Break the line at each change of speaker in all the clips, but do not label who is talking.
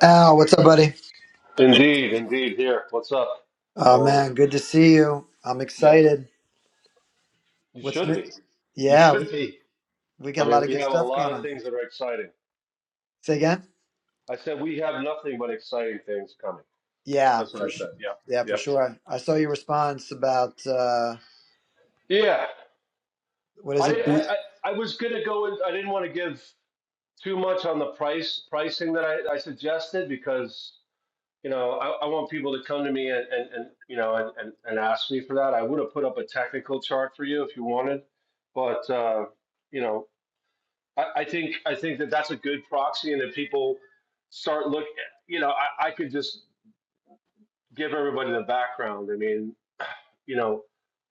Al, what's up, buddy?
Indeed, indeed. Here, what's up?
Oh
How are we?
man, good to see you. I'm
Yep.
excited.
You
What's
should
new?
be. You
Yeah, we,
should be.
we
I
got a
mean,
lot of
we
good
have a
stuff
lot
going
of
on.
things that are exciting.
Say again?
I said we have nothing but exciting things coming.
Yeah,
That's what
for
I
sh-
said. Yeah.
yeah, for
Yep.
sure. I saw your response about uh,
Yep. Yeah.
what is
I
it?
didn't. I,
Be-
I, I was gonna go. In, I didn't want to give too much on the price pricing that I, I suggested because you know I, I want people to come to me and, and, and you know and, and, and ask me for that. I would have put up a technical chart for you if you wanted, but uh, you know I, I think I think that that's a good proxy, and if people start look, you know, I, I could just give everybody the background. I mean, you know,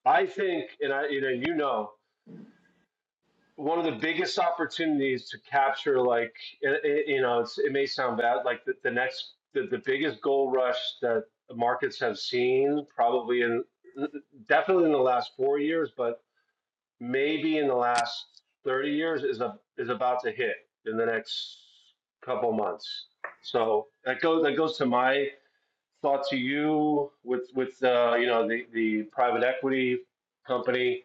I think, and I, you know, you know, one of the biggest opportunities to capture, like, it, it- you know, it's, it may sound bad, like the, the next, the, the biggest gold rush that markets have seen, probably in definitely in the last four years, but maybe in the last 30 years is a, is about to hit in the next couple months. So that goes that goes to my thought to you with with uh, you know the the private equity company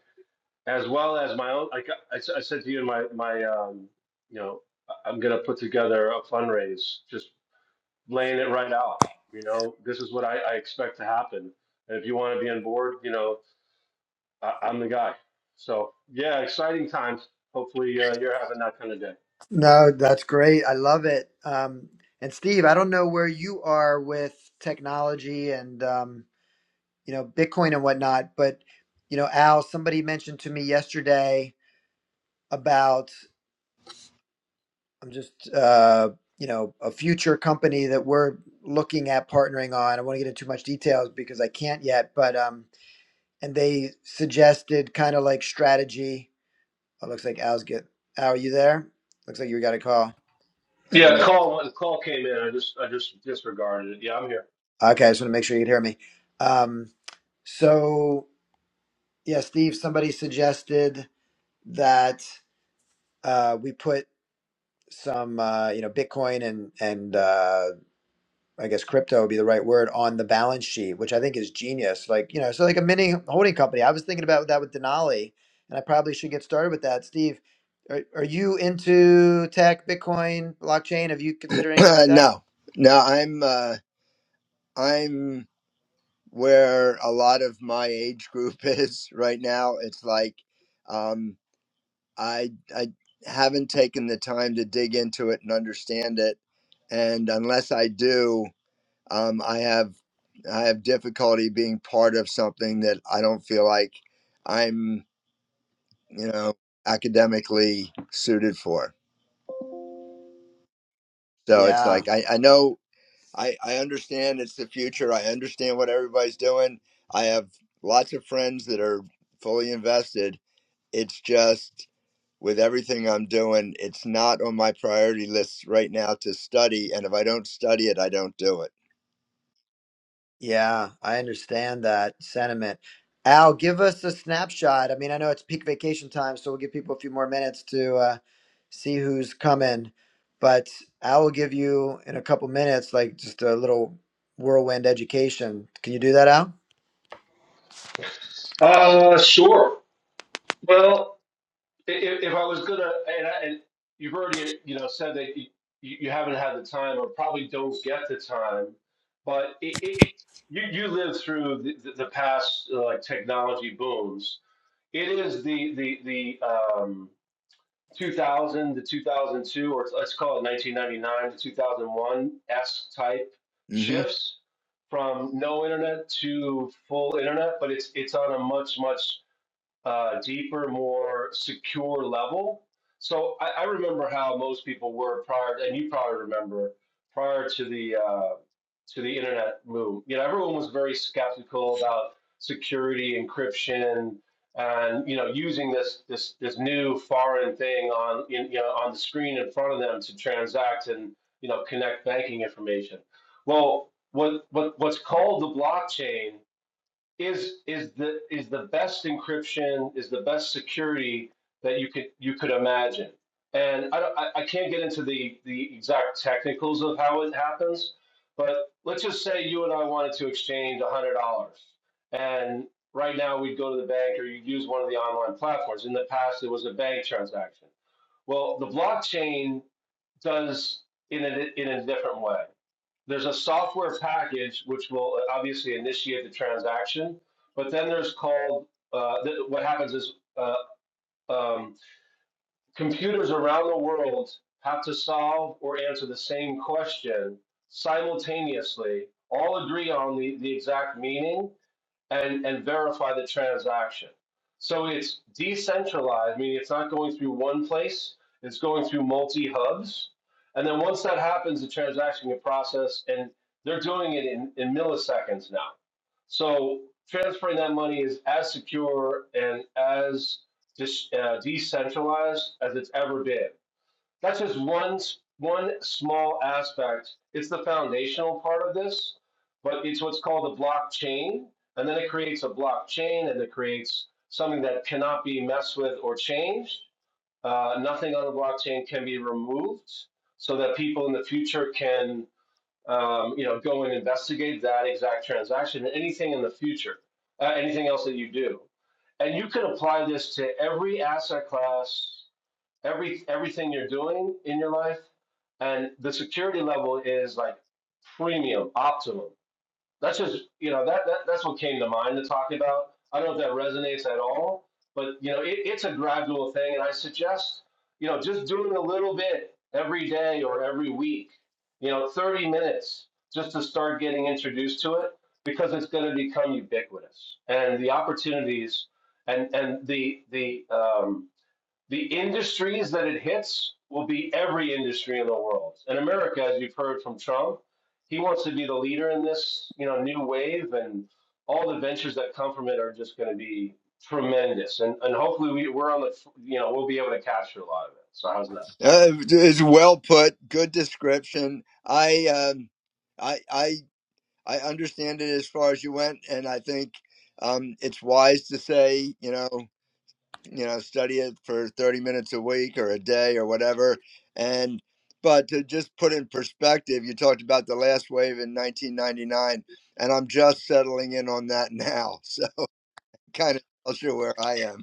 as well as my own. Like I I said to you in my my um, you know I'm gonna put together a fundraise, just laying it right out. You know this is what I, I expect to happen, and if you want to be on board, you know I, I'm the guy. So yeah, exciting times. Hopefully uh, you're having that kind of day.
no, that's great. I love it. Um, and Steve, I don't know where you are with technology and um, you know Bitcoin and whatnot, but you know, Al, somebody mentioned to me yesterday. about I'm just, uh, you know, a future company that we're looking at partnering on. I don't want to get into too much details because I can't yet, but um, and they suggested kind of like strategy. Oh, looks like Al's get. Al, are you there? Looks like you got a call. So
Yeah,
make,
call the call came in. I just I just disregarded it. Yeah, I'm here.
okay, I just want to make sure you can hear me. Um, so yeah, Steve, somebody suggested that uh, we put some, uh, you know, Bitcoin and and uh, I guess crypto would be the right word on the balance sheet, which I think is genius. Like, you know, so like a mini holding company. I was thinking about that with Denali, and I probably should get started with that. Steve, are, are you into tech, Bitcoin, blockchain? Have you considered anything
Uh,
like that?
no, no, I'm uh, I'm where a lot of my age group is right now. It's like um, I I haven't taken the time to dig into it and understand it, and unless I do, um, I have I have difficulty being part of something that I don't feel like I'm you know academically suited for. So it's
Yeah,
like I, I know I, I understand it's the future. I understand what everybody's doing. I have lots of friends that are fully invested. It's just with everything I'm doing, it's not on my priority list right now to study. And if I don't study it, I don't do it.
Yeah, I understand that sentiment. Al, give us a snapshot. I mean, I know it's peak vacation time, so we'll give people a few more minutes to uh, see who's coming. But I will give you in a couple minutes, like just a little whirlwind education. Can you do that, Al?
Uh, sure. Well, i- if I was gonna, and, I, and you've already you know said that you, you you haven't had the time or probably don't get the time, but it, it you you lived through the, the, the past uh, like technology booms. It is the the the um, 2000 to 2002, or let's call it 1999 to 2001 esque type
mm hmm
shifts from no internet to full internet, but it's it's on a much much uh, deeper, more secure level. So I, I remember how most people were prior, and you probably remember prior to the uh, to the internet boom. You know, everyone was very skeptical about security, encryption, and you know, using this this this new foreign thing on in, you know on the screen in front of them to transact and you know connect banking information. Well, what what what's called the blockchain is is the is the best encryption is the best security that you could you could imagine and i don't, I, I can't get into the the exact technicals of how it happens but let's just say you and i wanted to exchange $100 and right now we'd go to the bank or you'd use one of the online platforms in the past it was a bank transaction well the blockchain does in a, in a different way there's a software package which will obviously initiate the transaction, but then there's called uh, th- what happens is uh, um, computers around the world have to solve or answer the same question simultaneously, all agree on the, the exact meaning, and, and verify the transaction. So it's decentralized, meaning it's not going through one place, it's going through multi hubs. And then once that happens, the transaction can process, and they're doing it in, in milliseconds now. So transferring that money is as secure and as dis, uh, decentralized as it's ever been that's just one one small aspect. It's the foundational part of this, but it's what's called a blockchain, and then it creates a blockchain, and it creates something that cannot be messed with or changed. Uh, nothing on the blockchain can be removed, so that people in the future can um, you know go and investigate that exact transaction anything in the future, uh, anything else that you do, and you can apply this to every asset class every everything you're doing in your life, and the security level is like premium, optimum. That's just you know that, that that's what came to mind to talk about. I don't know if that resonates at all, but you know it, it's a gradual thing, and I suggest you know just doing a little bit every day or every week. You know, 30 minutes just to start getting introduced to it because it's going to become ubiquitous, and the opportunities and and the the um, the industries that it hits will be every industry in the world. And America, as you've heard from Trump, he wants to be the leader in this, you know, new wave, and all the ventures that come from it are just going to be tremendous. And and hopefully we, we're on the, you know, we'll be able to capture a lot of it. So how's that?
Uh, it's well put. Good description. I, um, I, I, I understand it as far as you went, and I think um, it's wise to say, you know. you know study it for 30 minutes a week or a day or whatever and but to just put in perspective you talked about the last wave in 1999 and i'm just settling in on that now so kind of tells you where i am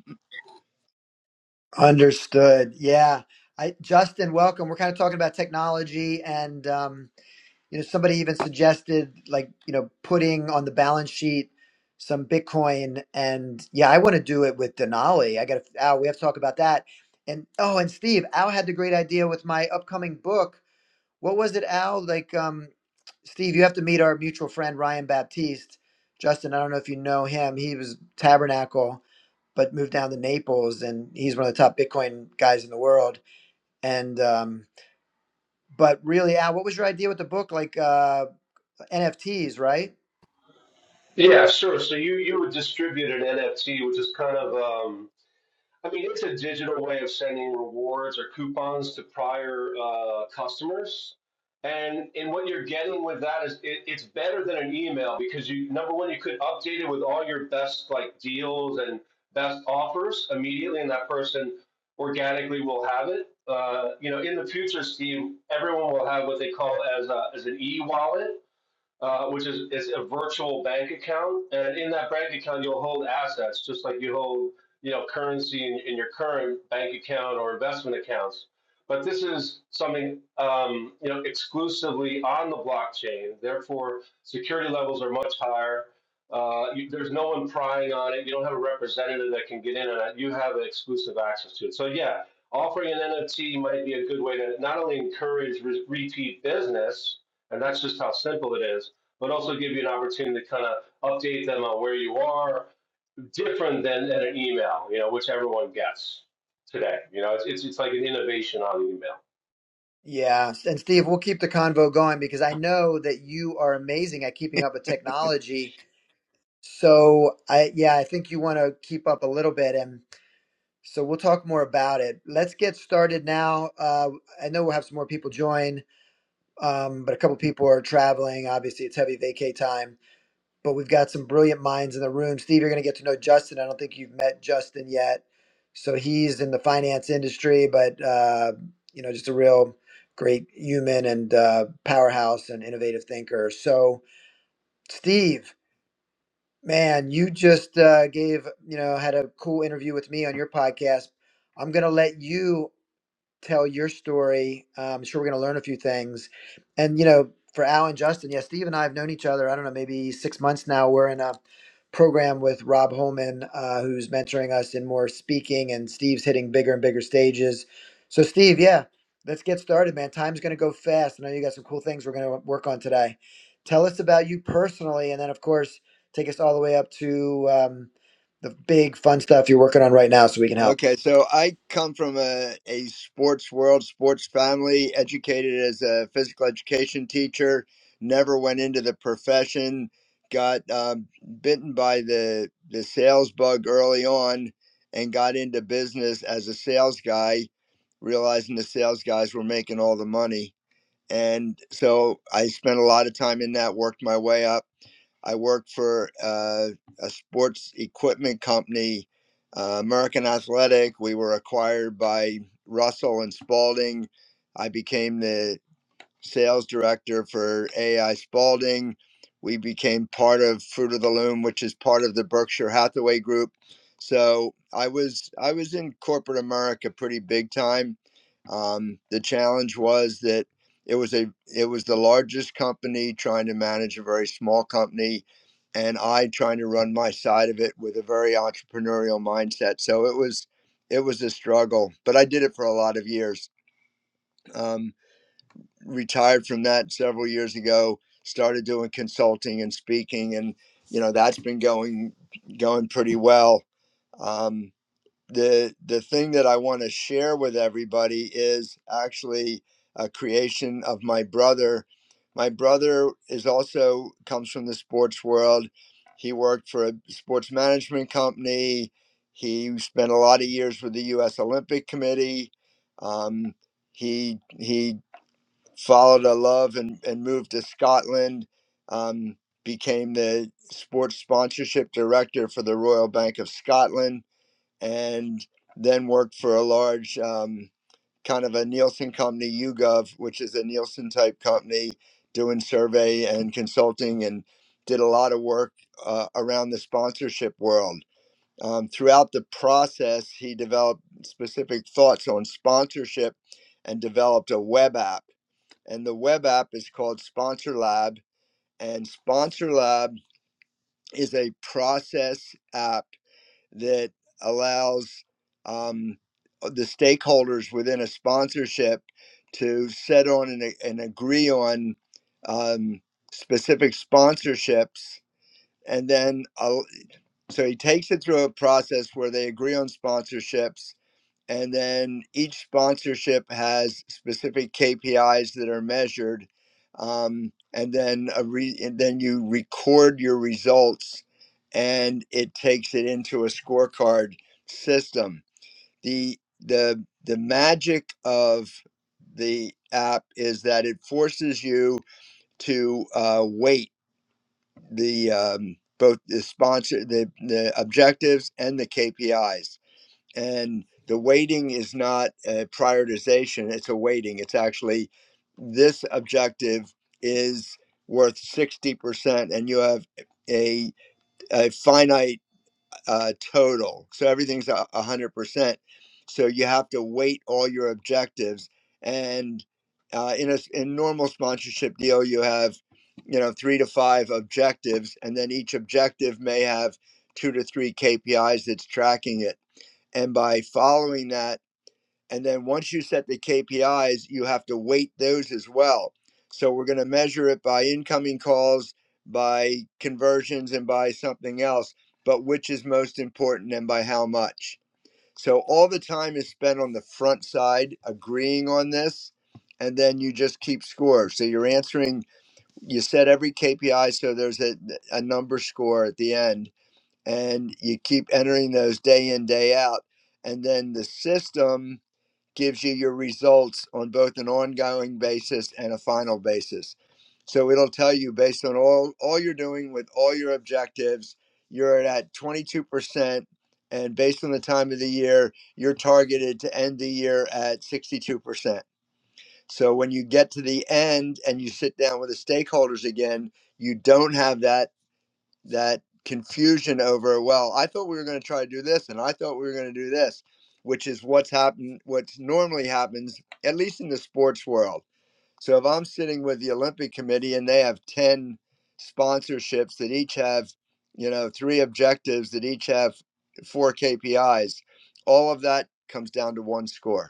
Understood. Yeah. I, Justin, welcome. We're kind of talking about technology and um, You know, somebody even suggested like, you know, putting on the balance sheet some Bitcoin and yeah, I want to do it with Denali. I got to, Al, we have to talk about that. And oh, and Steve, Al had the great idea with my upcoming book. What was it, Al? Like, um, Steve, you have to meet our mutual friend Ryan Baptiste. Justin, I don't know if you know him. He was Tabernacle, but moved down to Naples, and he's one of the top Bitcoin guys in the world. And um, but really, Al, what was your idea with the book? Like, uh, NFTs, right?
Yeah, sure. So you you would distribute an NFT, which is kind of um, I mean, it's a digital way of sending rewards or coupons to prior uh, customers. And and what you're getting with that is it, it's better than an email because you number one you could update it with all your best like deals and best offers immediately, and that person organically will have it. Uh, you know, in the future, Steve, everyone will have what they call as a, as an e-wallet uh, which is, is a virtual bank account. And in that bank account, you'll hold assets, just like you hold you know currency in, in your current bank account or investment accounts. But this is something um, you know exclusively on the blockchain. Therefore, security levels are much higher. Uh, you, there's no one prying on it. You don't have a representative that can get in on it. You have exclusive access to it. So yeah, offering an NFT might be a good way to not only encourage re- repeat business, and that's just how simple it is, but also give you an opportunity to kind of update them on where you are, different than than an email, you know, which everyone gets today. You know, it's it's, it's like an innovation on email.
Yeah. And Steve, we'll keep the convo going because I know that you are amazing at keeping up with technology. So I yeah, I think you want to keep up a little bit and so we'll talk more about it. Let's get started now. Uh, I know we'll have some more people join, um, but a couple people are traveling. Obviously, it's heavy vacay time. but we've got some brilliant minds in the room. Steve, you're going to get to know Justin. I don't think you've met Justin yet. So he's in the finance industry, but uh, you know, just a real great human and uh, powerhouse and innovative thinker. So Steve, man, you just uh, gave you know had a cool interview with me on your podcast. I'm going to let you tell your story. Uh, I'm sure we're going to learn a few things. And, you know, for Al and Justin, yeah, Steve and I have known each other, I don't know, maybe six months now. We're in a program with Rob Holman, uh, who's mentoring us in more speaking, and Steve's hitting bigger and bigger stages. So, Steve, yeah, let's get started, man. Time's going to go fast. I know you got some cool things we're going to work on today. Tell us about you personally, and then, of course, take us all the way up to um, the big fun stuff you're working on right now so we can help.
Okay, so I come from a, a sports world, sports family, educated as a physical education teacher, never went into the profession, got um, bitten by the, the sales bug early on, and got into business as a sales guy, realizing the sales guys were making all the money. And so I spent a lot of time in that, worked my way up I worked for uh, a sports equipment company, uh, American Athletic. We were acquired by Russell and Spalding. I became the sales director for AI Spalding. We became part of Fruit of the Loom, which is part of the Berkshire Hathaway Group. So I was I was in corporate America pretty big time. Um, the challenge was that it was a it was the largest company trying to manage a very small company, and I trying to run my side of it with a very entrepreneurial mindset. So it was it was a struggle, but I did it for a lot of years. Um, retired from that several years ago started doing consulting and speaking and you know that's been going going pretty well um, the the thing that i want to share with everybody is actually a creation of my brother my brother is also comes from the sports world he worked for a sports management company he spent a lot of years with the us olympic committee um, he he followed a love and, and moved to Scotland. Um, became the sports sponsorship director for the Royal Bank of Scotland, and then worked for a large um, kind of a Nielsen company, YouGov, which is a Nielsen type company doing survey and consulting, and did a lot of work uh, around the sponsorship world. Um, throughout the process, he developed specific thoughts on sponsorship and developed a web app and the web app is called Sponsor Lab. And Sponsor Lab is a process app that allows um, the stakeholders within a sponsorship to set on and, and agree on um, specific sponsorships. And then, uh, so he takes it through a process where they agree on sponsorships and then each sponsorship has specific KPIs that are measured. Um, and then a re- and then you record your results and it takes it into a scorecard system. The the the magic of the app is that it forces you to uh, weight the um, both the sponsor the, the objectives and the KPIs and the weighting is not a prioritization it's a weighting it's actually this objective is worth 60% and you have a, a finite uh, total so everything's a 100% so you have to weight all your objectives and uh, in a in normal sponsorship deal you have you know three to five objectives and then each objective may have two to three kpis that's tracking it and by following that and then once you set the KPIs you have to weight those as well so we're going to measure it by incoming calls by conversions and by something else but which is most important and by how much so all the time is spent on the front side agreeing on this and then you just keep score so you're answering you set every KPI so there's a, a number score at the end and you keep entering those day in day out and then the system gives you your results on both an ongoing basis and a final basis so it'll tell you based on all all you're doing with all your objectives you're at 22% and based on the time of the year you're targeted to end the year at 62% so when you get to the end and you sit down with the stakeholders again you don't have that that confusion over well i thought we were going to try to do this and i thought we were going to do this which is what's happened what's normally happens at least in the sports world so if i'm sitting with the olympic committee and they have 10 sponsorships that each have you know three objectives that each have four kpis all of that comes down to one score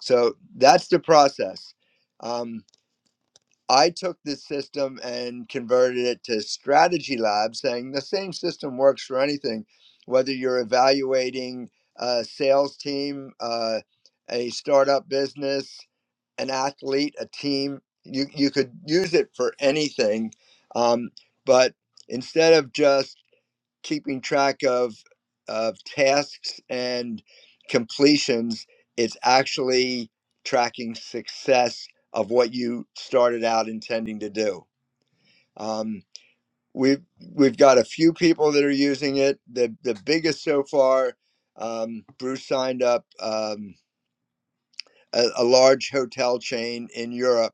so that's the process um, I took this system and converted it to Strategy Lab, saying the same system works for anything, whether you're evaluating a sales team, uh, a startup business, an athlete, a team. You you could use it for anything, um, but instead of just keeping track of of tasks and completions it's actually tracking success of what you started out intending to do um, we've we've got a few people that are using it the the biggest so far um, bruce signed up um, a, a large hotel chain in europe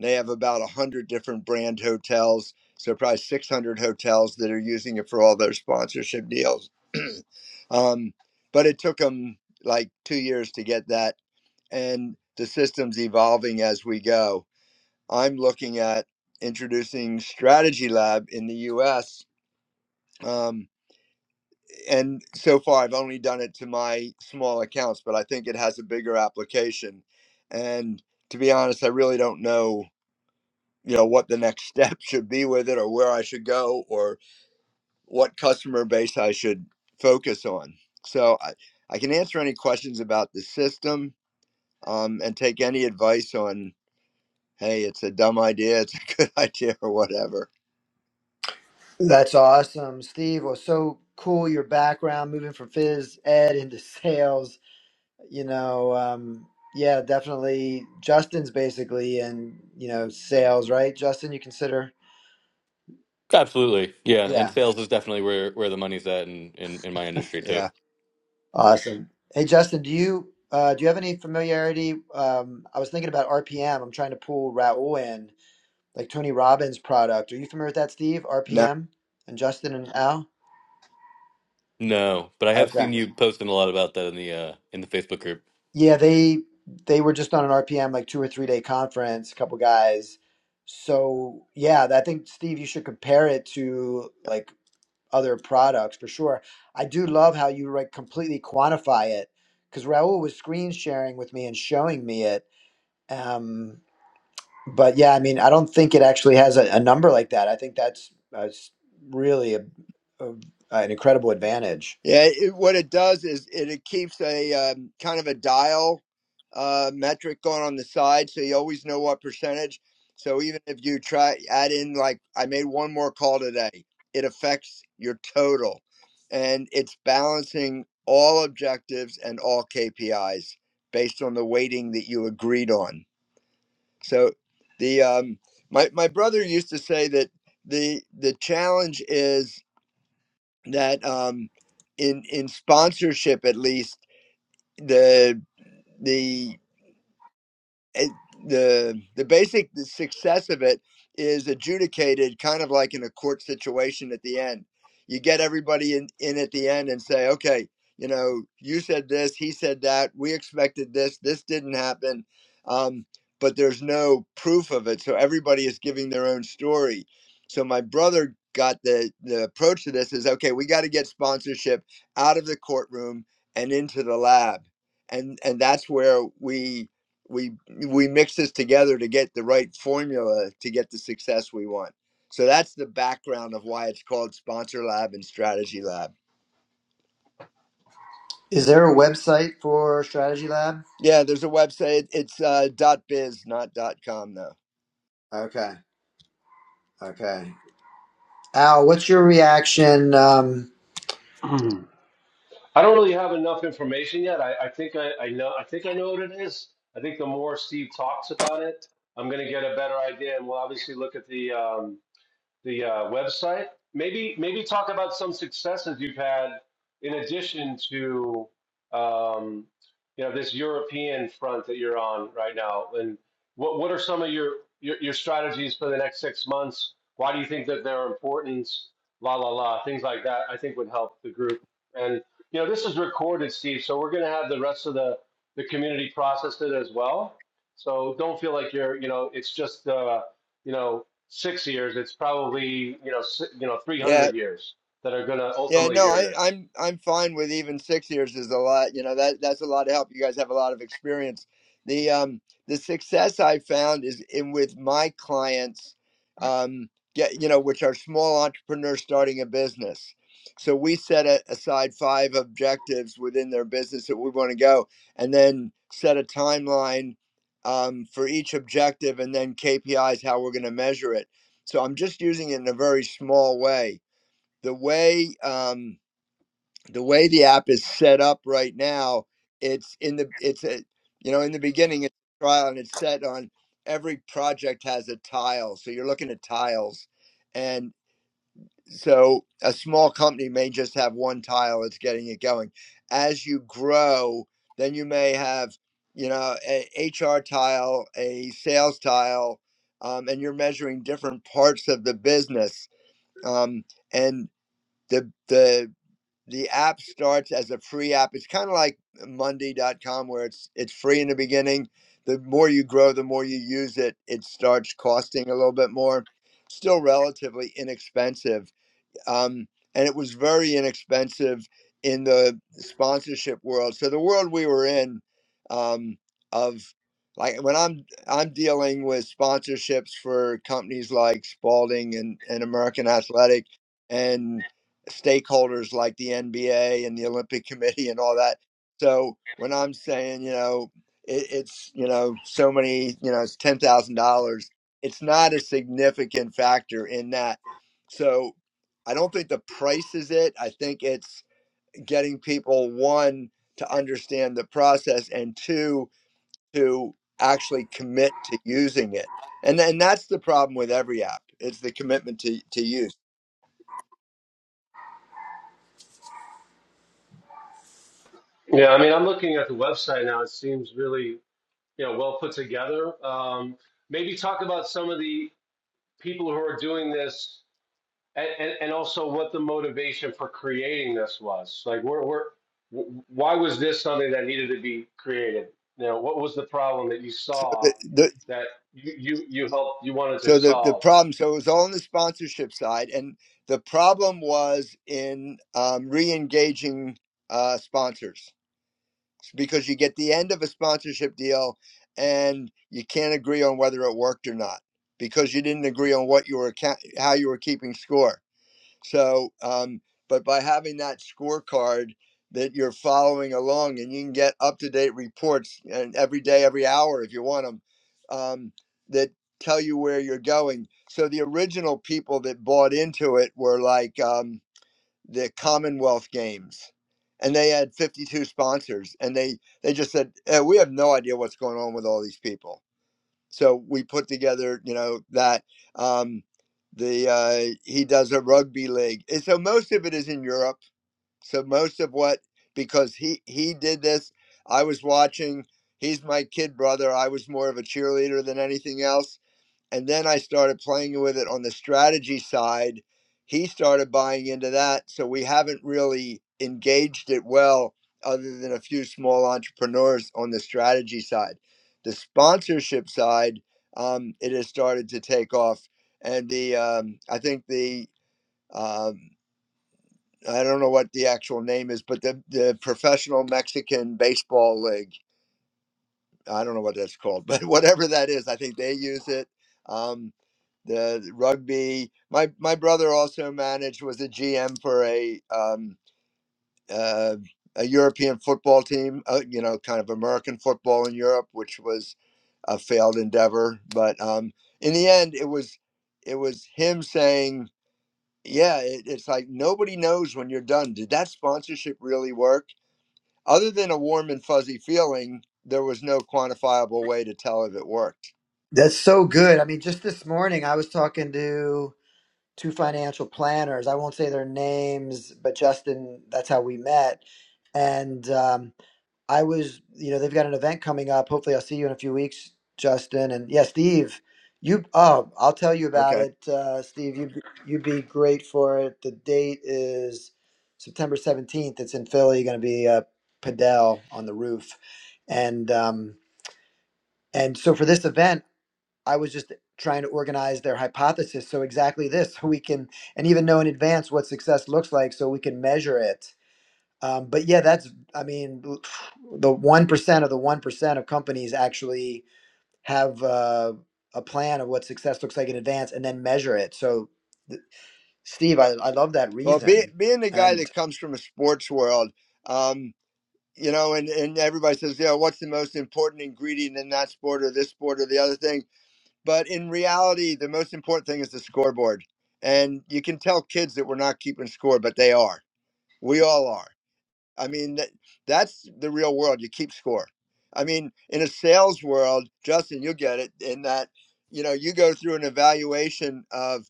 they have about 100 different brand hotels, so probably 600 hotels that are using it for all their sponsorship deals. um, but it took them like two years to get that, and the system's evolving as we go. I'm looking at introducing Strategy Lab in the US. Um, and so far, I've only done it to my small accounts, but I think it has a bigger application. And to be honest, I really don't know you know what the next step should be with it or where i should go or what customer base i should focus on so i, I can answer any questions about the system um, and take any advice on hey it's a dumb idea it's a good idea or whatever
That's awesome, Steve. Well, so cool your background moving from phys ed into sales. You know, um, yeah, definitely. Justin's basically in you know sales, right? Justin, you consider?
Absolutely. Yeah,
Yeah.
and sales is definitely where where the money's at in in, in my industry too.
yeah
Awesome. Hey, Justin, do you uh, do you have any familiarity? Um, I was thinking about RPM. I'm trying to pull Raul in, like Tony Robbins' product. Are you familiar with that, Steve?
No.
RPM and Justin and Al.
No, but I have
Okay.
seen you posting a lot about that in the uh in the Facebook group.
Yeah, they they were just on an RPM like two or three day conference. A couple guys. So yeah, I think Steve, you should compare it to like other products for sure. I do love how you like completely quantify it because Raul was screen sharing with me and showing me it. Um, but yeah, I mean, I don't think it actually has a, a number like that. I think that's uh, s- really a, a, an incredible advantage.
Yeah, it, what it does is it, it keeps a um, kind of a dial uh, metric going on the side, so you always know what percentage. So even if you try add in like I made one more call today, it affects your total, and it's balancing all objectives and all KPIs based on the weighting that you agreed on. So the um, my my brother used to say that the the challenge is that um, in in sponsorship at least the the it, the the basic the success of it is adjudicated kind of like in a court situation at the end. You get everybody in, in at the end and say, okay, you know, you said this, he said that, we expected this, this didn't happen, um, but there's no proof of it, so everybody is giving their own story. So my brother got the the approach to this is okay, we got to get sponsorship out of the courtroom and into the lab, and and that's where we we we mix this together to get the right formula to get the success we want. So that's the background of why it's called Sponsor Lab and Strategy Lab.
Is there a website for Strategy Lab?
Yeah, there's a website. It's uh, .biz, not .com though.
Okay, okay. Al, what's your reaction? Um,
I don't really have enough information yet. I, I think I, I know I think I know what it is. I think the more Steve talks about it, I'm going to get a better idea, and we'll obviously look at the um, the uh, website. Maybe maybe talk about some successes you've had in addition to um, you know this European front that you're on right now, and what what are some of your your, your strategies for the next six months? Why do you think that they're important? La la la, things like that. I think would help the group. And you know this is recorded, Steve, so we're going to have the rest of the the community process it as well. So don't feel like you're you know it's just. Uh, you know, six years, it's probably you know si- you know
Yeah,
300 years that are going to
Yeah,
ultimately
no,
hear
I,
this.
I'm I'm fine with even six years is a lot. You know that that's a lot of help. You guys have a lot of experience. The um the success I found is in with my clients, um get you know which are small entrepreneurs starting a business. So we set a, aside five objectives within their business that we want to go, and then set a timeline um, for each objective, and then KPIs how we're going to measure it. So I'm just using it in a very small way the way um, the way the app is set up right now, it's in the it's a, you know in the beginning it's a trial and it's set on every project has a tile, so you're looking at tiles, and so a small company may just have one tile that's getting it going. As you grow, then you may have you know a HR tile, a sales tile, um, and you're measuring different parts of the business. Um, and the the the app starts as a free app. It's kind of like Monday.com where it's it's free in the beginning. The more you grow, the more you use it, it starts costing a little bit more. Still relatively inexpensive um, and it was very inexpensive in the sponsorship world. So the world we were in um, of like when I'm I'm dealing with sponsorships for companies like Spalding and, and American Athletic and stakeholders like the NBA and the Olympic Committee and all that. So when I'm saying you know it, it's you know so many you know it's ten thousand dollars, it's not a significant factor in that. So I don't think the price is it. I think it's getting people one to understand the process and two to actually commit to using it. And and that's the problem with every app. It's the commitment to, to use.
Yeah, I mean, I'm looking at the website now. It seems really you know well put together. Um, maybe talk about some of the people who are doing this, and, and, and also what the motivation for creating this was. Like, where, where, wh- why was this something that needed to be created? You know, what was the problem that you
So
saw
the, the
that you you, you helped you wanted to
so the, the
solve?
problem so it was all on the sponsorship side and the problem was in um, re-engaging uh, sponsors because you get the end of a sponsorship deal and you can't agree on whether it worked or not because you didn't agree on what you were how you were keeping score. So, um, but by having that scorecard that you're following along and you can get up to date reports and every day, every hour if you want them um, that tell you where you're going. So the original people that bought into it were like. Um, the Commonwealth Games, and they had 52 sponsors, and they they just said eh, we have no idea what's going on with all these people. So we put together, you know, that um, the uh, he does a rugby league, and so most of it is in Europe. So most of what because he he did this, I was watching. He's my kid brother. I was more of a cheerleader than anything else and then I started playing with it on the strategy side. He started buying into that, so we haven't really engaged it well, other than a few small entrepreneurs on the strategy side. The sponsorship side, um, it has started to take off, and the um, I think the um, I don't know what the actual name is, but the the professional Mexican baseball league I don't know what that's called, but whatever that is, I think they use it. Um, the rugby. My my brother also managed was a GM for a um, uh, a European football team. Uh, you know, kind of American football in Europe, which was a failed endeavor. But um, in the end, it was it was him saying, "Yeah, it, it's like nobody knows when you're done. Did that sponsorship really work?" Other than a warm and fuzzy feeling, there was no quantifiable way to tell if it worked.
that's so good. I mean, just this morning I was talking to two financial planners. I won't say their names, but Justin, that's how we met. And um, I was, you know, they've got an event coming up. Hopefully, I'll see you in a few weeks, Justin. And yeah, Steve, you, oh, I'll tell you about
Okay.
it, uh, Steve. You, you'd be great for it. The date is September 17th. It's in Philly, going to be a Padel on the roof. And, um, and so for this event, I was just trying to organize their hypothesis. So exactly this, so we can and even know in advance what success looks like, so we can measure it. Um, but yeah, that's I mean, the one percent of the one percent of companies actually have uh, a plan of what success looks like in advance and then measure it. So, th- Steve, I, I love that
Well, be,
reason.
being the guy
And
that comes from a sports world, um, you know, and, and everybody says, yeah, what's the most important ingredient in that sport or this sport or the other thing? But in reality, the most important thing is the scoreboard. And you can tell kids that we're not keeping score, but they are. We all are. I mean, that, that's the real world. You keep score. I mean, in a sales world, Justin, you get it in that, you know, you go through an evaluation of,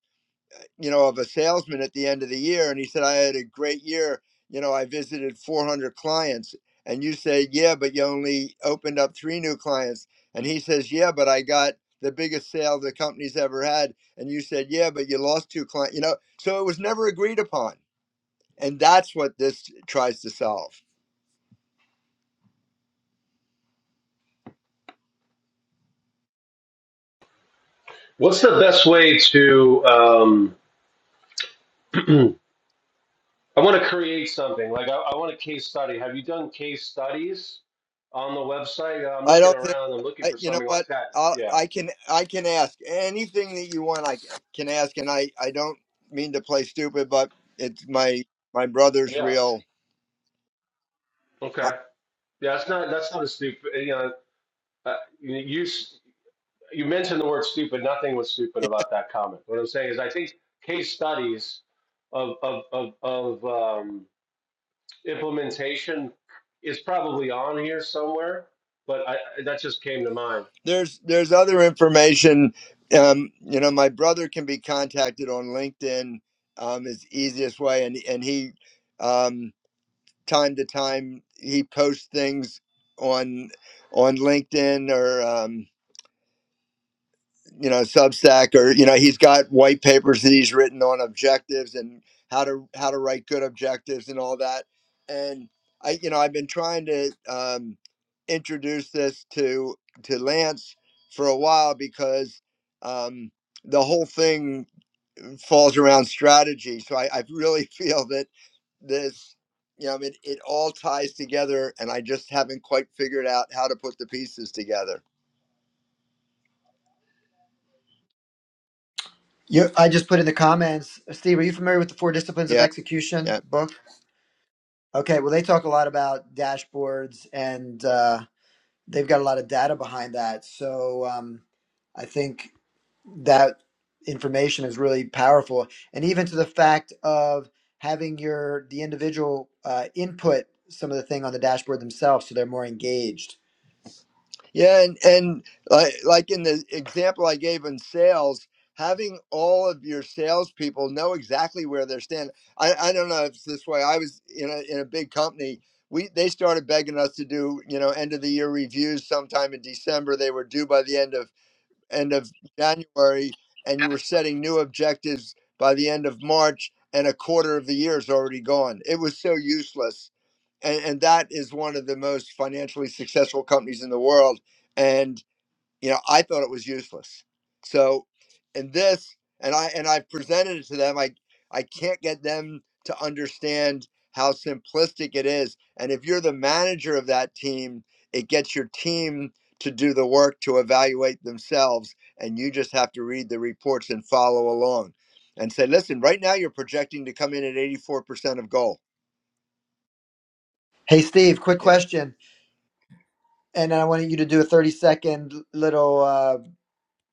you know, of a salesman at the end of the year. And he said, I had a great year. You know, I visited 400 clients. And you say, yeah, but you only opened up three new clients. And he says, yeah, but I got the biggest sale the company's ever had. And you said, yeah, but you lost two clients, you know, so it was never agreed upon. And that's what this tries to solve.
What's the best way to um, I want to create something. Like I, I want a case study. Have you done case studies on the website? Yeah, I'm
I
looking
don't think
around. I'm looking
I,
for
you know
something
what
like that.
I'll,
Yeah.
I can I can ask anything that you want. I can ask, and I I don't mean to play stupid, but it's my my brother's
Yeah.
real. I,
Okay. Yeah. That's not. That's not a stupid. You know. Uh, you you s- you mentioned the word stupid. Nothing was stupid about that comment. What I'm saying is, I think case studies of of of, of um, implementation is probably on here somewhere. But I, that just came to mind.
there's there's other information. Um, you know, my brother can be contacted on LinkedIn. Um, is the easiest way, and and he um time to time he posts things on on LinkedIn or um you know substack or you know he's got white papers that he's written on objectives and how to how to write good objectives and all that and i you know i've been trying to um, introduce this to to lance for a while because um, the whole thing falls around strategy so i, I really feel that this you know I mean, it all ties together and i just haven't quite figured out how to put the pieces together
you, I just put in the comments, Steve, are you familiar with the Four Disciplines of
yeah
Execution
yeah
book? Okay, well, they talk a lot about dashboards and. Uh, they've got a lot of data behind that. So um, I think that information is really powerful, and even to the fact of having your the individual uh, input some of the thing on the dashboard themselves, so they're more engaged.
Yeah, and and like like in the example I gave in sales, having all of your salespeople know exactly where they're standing. I, I don't know if it's this way. I was in a in a big company. We they started begging us to do you know end of the year reviews sometime in December. They were due by the end of end of January, and you were setting new objectives by the end of March, and a quarter of the year is already gone. It was so useless, and, and that is one of the most financially successful companies in the world. and you know i thought it was useless so and this and i and i presented it to them i i can't get them to understand how simplistic it is and if you're the manager of that team it gets your team to do the work to evaluate themselves and you just have to read the reports and follow along and say listen right now you're projecting to come in at 84% of goal
Hey, Steve, quick
Yeah,
question, and I wanted you to do a thirty second little uh,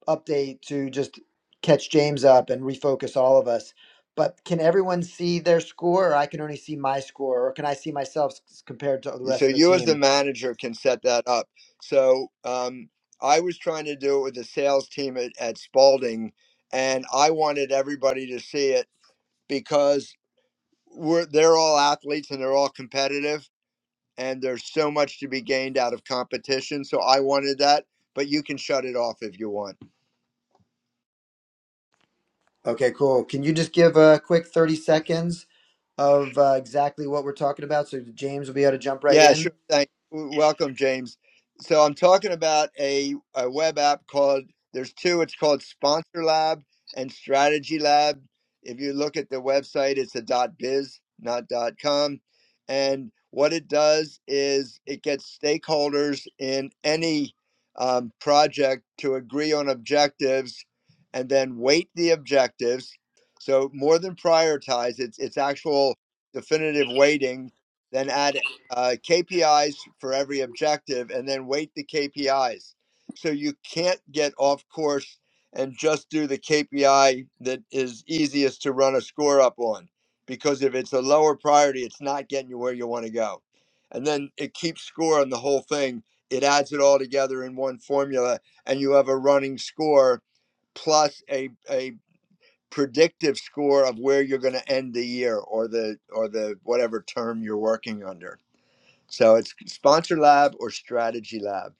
update to just catch James up and refocus all of us. But can everyone see their score, or I can only see my score, or can I see myself s- compared to the
So
rest of the
you as the
team?
manager can set that up. So um, I was trying to do it with the sales team at, at Spalding, and I wanted everybody to see it because we're they're all athletes and they're all competitive, and there's so much to be gained out of competition. So I wanted that, but you can shut it off if you want.
Okay, cool. Can you just give a quick 30 seconds of uh, exactly what we're talking about so James will be able to jump right
Yeah,
in?
sure. Thank. w- Welcome, James. So I'm talking about a, a web app called. There's two. It's called Sponsor Lab and Strategy Lab. If you look at the website, it's a .biz, not .com. And what it does is it gets stakeholders in any um, project to agree on objectives, and then weight the objectives. So more than prioritize, it's it's actual definitive weighting. Then add uh, KPIs for every objective and then weight the KPIs. So you can't get off course and just do the KPI that is easiest to run a score up on because if it's a lower priority, it's not getting you where you want to go. And then it keeps score on the whole thing, it adds it all together in one formula, and you have a running score plus a, a predictive score of where you're going to end the year or the or the whatever term you're working under so it's Sponsor Lab or Strategy Lab.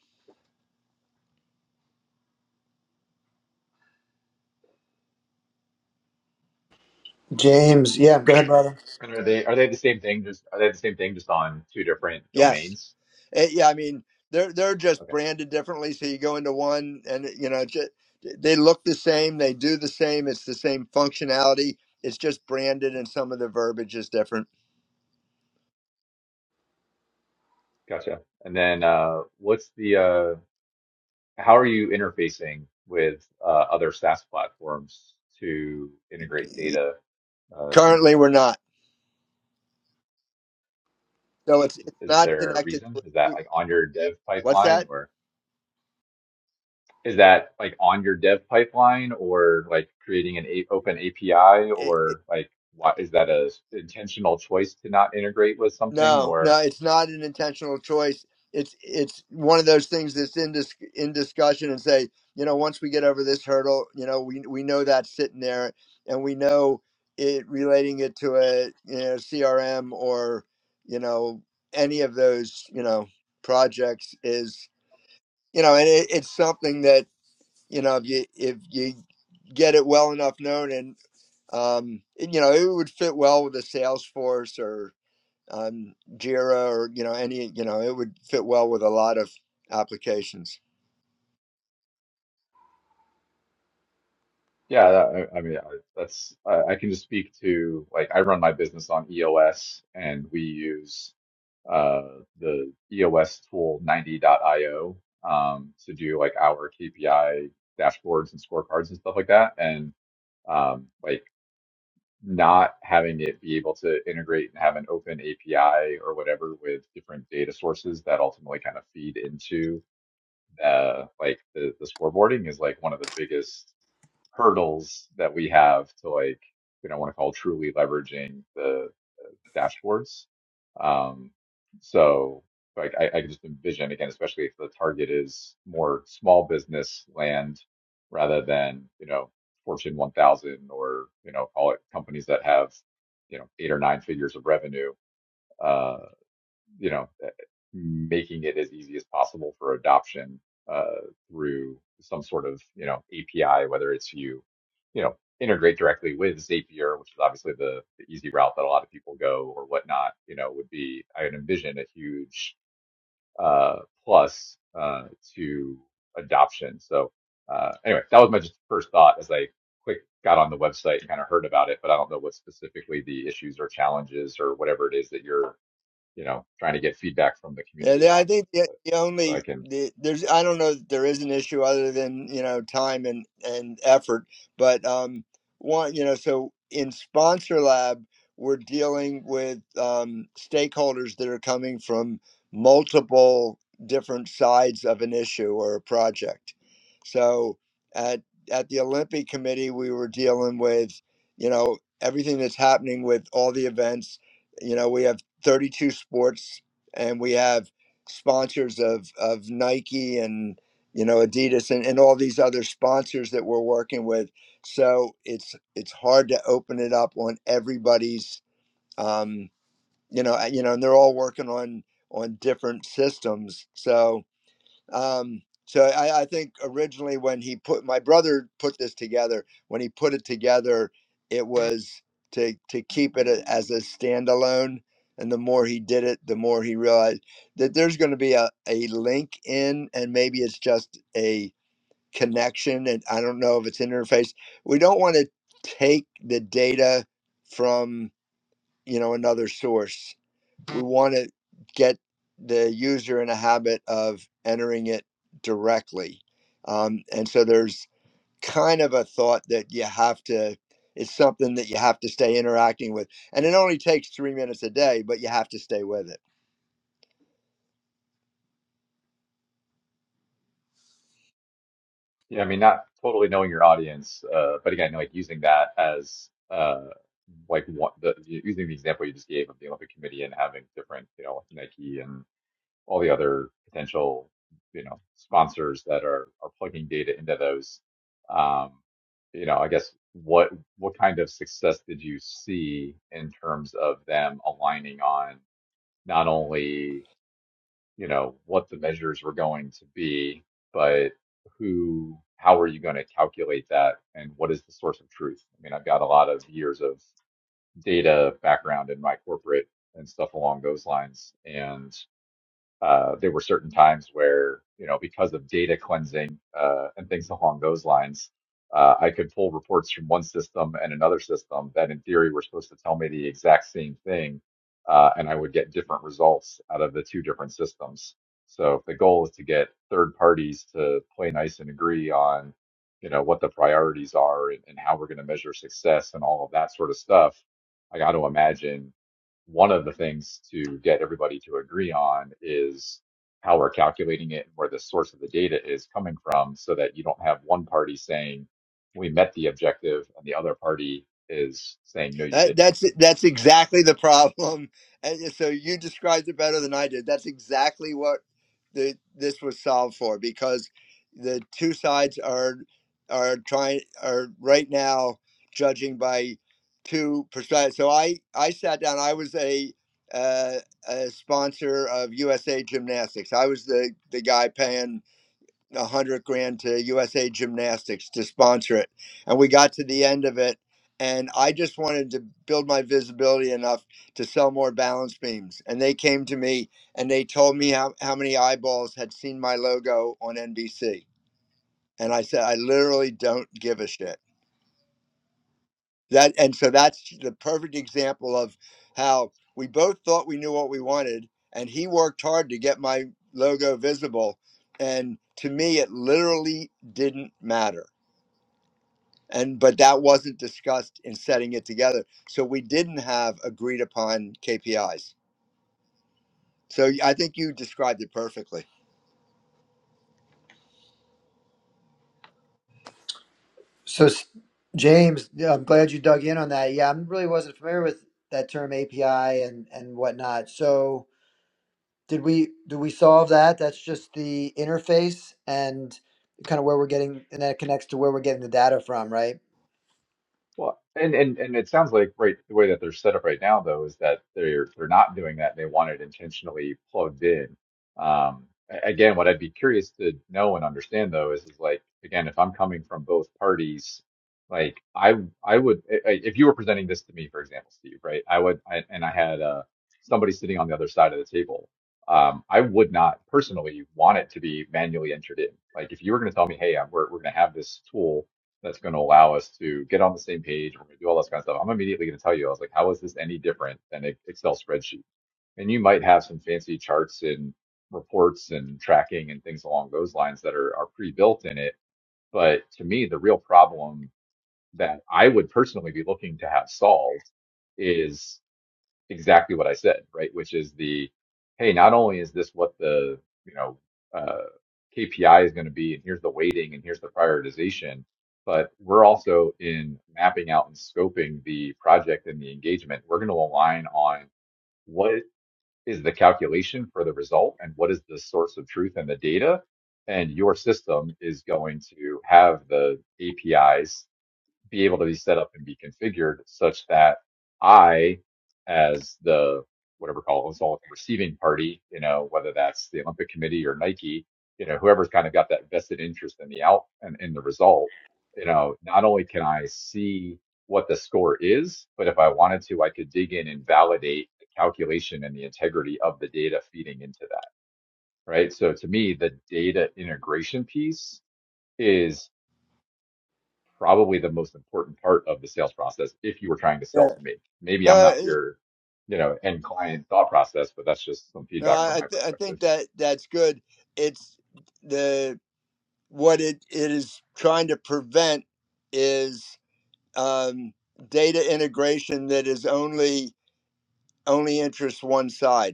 James, yeah, go ahead, brother.
And are they are they the same thing? Just are they the same thing? Just on two different
Yes.
domains?
Eh, yeah, I mean, they're they're just
Okay,
branded differently. So you go into one and you know, just, they look the same, they do the same, it's the same functionality. It's just branded and some of the verbiage is different.
gotcha. And then uh, what's the uh, how are you interfacing with uh, other SaaS platforms to integrate data uh, into
Currently we're
them?
not. So it's it's
Is
not
there a
connected
reason? Is that
to
like on your dev
what's
pipeline,
that?
or is that like on your dev pipeline, or like creating an a open API,
It,
or like what is that a s- intentional choice to not integrate with something,
No, no, it's not an intentional choice. It's it's one of those things that's in dis- in discussion and say, you know, once we get over this hurdle, you know, we we know that's sitting there, and we know it relating it to a you know CRM or you know any of those you know projects is you know, and it, it's something that you know if you if you get it well enough known and um you know it would fit well with the Salesforce um, Jira or you know any you know it would fit well with a lot of applications.
Yeah, that, I, I mean, I, that's I, I can just speak to like I run my business on EOS, and we use uh, the EOS tool 90.io um, to do like our KPI dashboards and scorecards and stuff like that. And um, like not having it be able to integrate and have an open API or whatever with different data sources that ultimately kind of feed into uh, like the, the scoreboarding is like one of the biggest hurdles that we have to like, you know, I want to call truly leveraging the dashboards. Um, so like I, I can just envision again, especially if the target is more small business land rather than, you know, Fortune 1000 or, you know, call it companies that have, you know, eight or nine figures of revenue. uh, you know, eh, making it as easy as possible for adoption uh, through some sort of you know API, whether it's you you know integrate directly with Zapier, which is obviously the, the easy route that a lot of people go or whatnot. You know, would be I would envision a huge uh, plus uh, to adoption. So uh, anyway, that was my just first thought as I quick got on the website and kind of heard about it, but I don't know what specifically the issues or challenges or whatever it is that you're you know, trying to get feedback from the
Yeah, the-
community
I
on.
think the,
But
the
so I
only
can,
the, there's I don't know that there is an issue other than you know time and and effort, but um, one you know so in Sponsor Lab we're dealing with um, stakeholders that are coming from multiple different sides of an issue or a project. So at at the Olympic Committee we were dealing with you know everything that's happening with all the events. You know we have 32 sports and we have sponsors of of Nike and you know Adidas and, and all these other sponsors that we're working with. So it's it's hard to open it up on everybody's um, you know uh, you know and they're all working on on different systems. So um, so I, I think originally when he put my brother put this together, when he put it together, it was to to keep it a- as a standalone. And the more he did it, the more he realized that there's going to be a, a link in, and maybe it's just a connection. And I don't know if it's an interface. We don't want to take the data from you know another source we want to get the user in a habit of entering it directly. Um, and so there's kind of a thought that you have to, it's something that you have to stay interacting with. And it only takes three minutes a day, but you have to stay with it.
yeah, I mean, not totally knowing your audience, uh, but again, like using that as uh, like one the using the example you just gave of the Olympic Committee and having different, you know, like Nike and all the other potential, you know, sponsors that are are plugging data into those. Um, you know, I guess what what kind of success did you see in terms of them aligning on not only you know, what the measures were going to be, but who, how are you going to calculate that and what is the source of truth? I mean, I've got a lot of years of data background in my corporate and stuff along those lines. And uh, there were certain times where, you know, because of data cleansing uh, and things along those lines, uh, I could pull reports from one system and another system that, in theory, were supposed to tell me the exact same thing, uh, and I would get different results out of the two different systems. So, if the goal is to get third parties to play nice and agree on, you know, what the priorities are and, and how we're going to measure success and all of that sort of stuff, I got to imagine one of the things to get everybody to agree on is how we're calculating it and where the source of the data is coming from so that you don't have one party saying we met the objective and the other party is saying no you
That,
didn't
that's that's exactly the problem. And so you described it better than I did. That's exactly what the this was solved for because the two sides are are trying are right now judging by two perspectives. So I I sat down. I was a uh, a sponsor of USA Gymnastics. I was the the guy paying a hundred grand to USA Gymnastics to sponsor it, and we got to the end of it, and I just wanted to build my visibility enough to sell more balance beams, and they came to me and they told me how, how many eyeballs had seen my logo on NBC, and I said I literally don't give a shit. That and so that's the perfect example of how we both thought we knew what we wanted, and he worked hard to get my logo visible, and to me it literally didn't matter and but that wasn't discussed in setting it together so we didn't have agreed upon kpis so y- i think you described it perfectly
So, s- James, yeah, I'm glad you dug in on that. Yeah, I really wasn't familiar with that term API and and whatnot. So, did we do we solve that? That's just the interface and kind of where we're getting, and that connects to where we're getting the data from, right?
Well, and, and and it sounds like right the way that they're set up right now though is that they're they're not doing that. They want it intentionally plugged in. Um, a- again, what I'd be curious to know and understand though is is like again, if I'm coming from both parties, like I I would i- i- if you were presenting this to me, for example, Steve, right? I would I, and I had uh somebody sitting on the other side of the table. Um, I would not personally want it to be manually entered in. Like if you were going to tell me, hey, I'm, we're we're going to have this tool that's going to allow us to get on the same page. We're going to do all this kind of stuff. I'm immediately going to tell you, I was like, how is this any different than an Excel spreadsheet? And you might have some fancy charts and reports and tracking and things along those lines that are, are pre-built in it. But to me, the real problem that I would personally be looking to have solved is exactly what I said, right? Which is the, hey, not only is this what the, you know, uh, KPI is going to be, and here's the weighting, and here's the prioritization, but we're also in mapping out and scoping the project and the engagement. We're going to align on what is the calculation for the result and what is the source of truth and the data. And your system is going to have the APIs be able to be set up and be configured such that I, as the whatever call it all receiving party, you know, whether that's the Olympic Committee or Nike, you know, whoever's kind of got that vested interest in the out and in the result, you know, not only can I see what the score is, but if I wanted to, I could dig in and validate the calculation and the integrity of the data feeding into that. Right. So to me, the data integration piece is probably the most important part of the sales process if you were trying to
yeah
sell to me. Maybe I'm
no
not
it-
your, you know, end client thought process, but that's just some
no
feedback
i
from
i
my
th- I
perspective.
think that that's good it's the what it, it is trying to prevent is um, data integration that is only only interests one side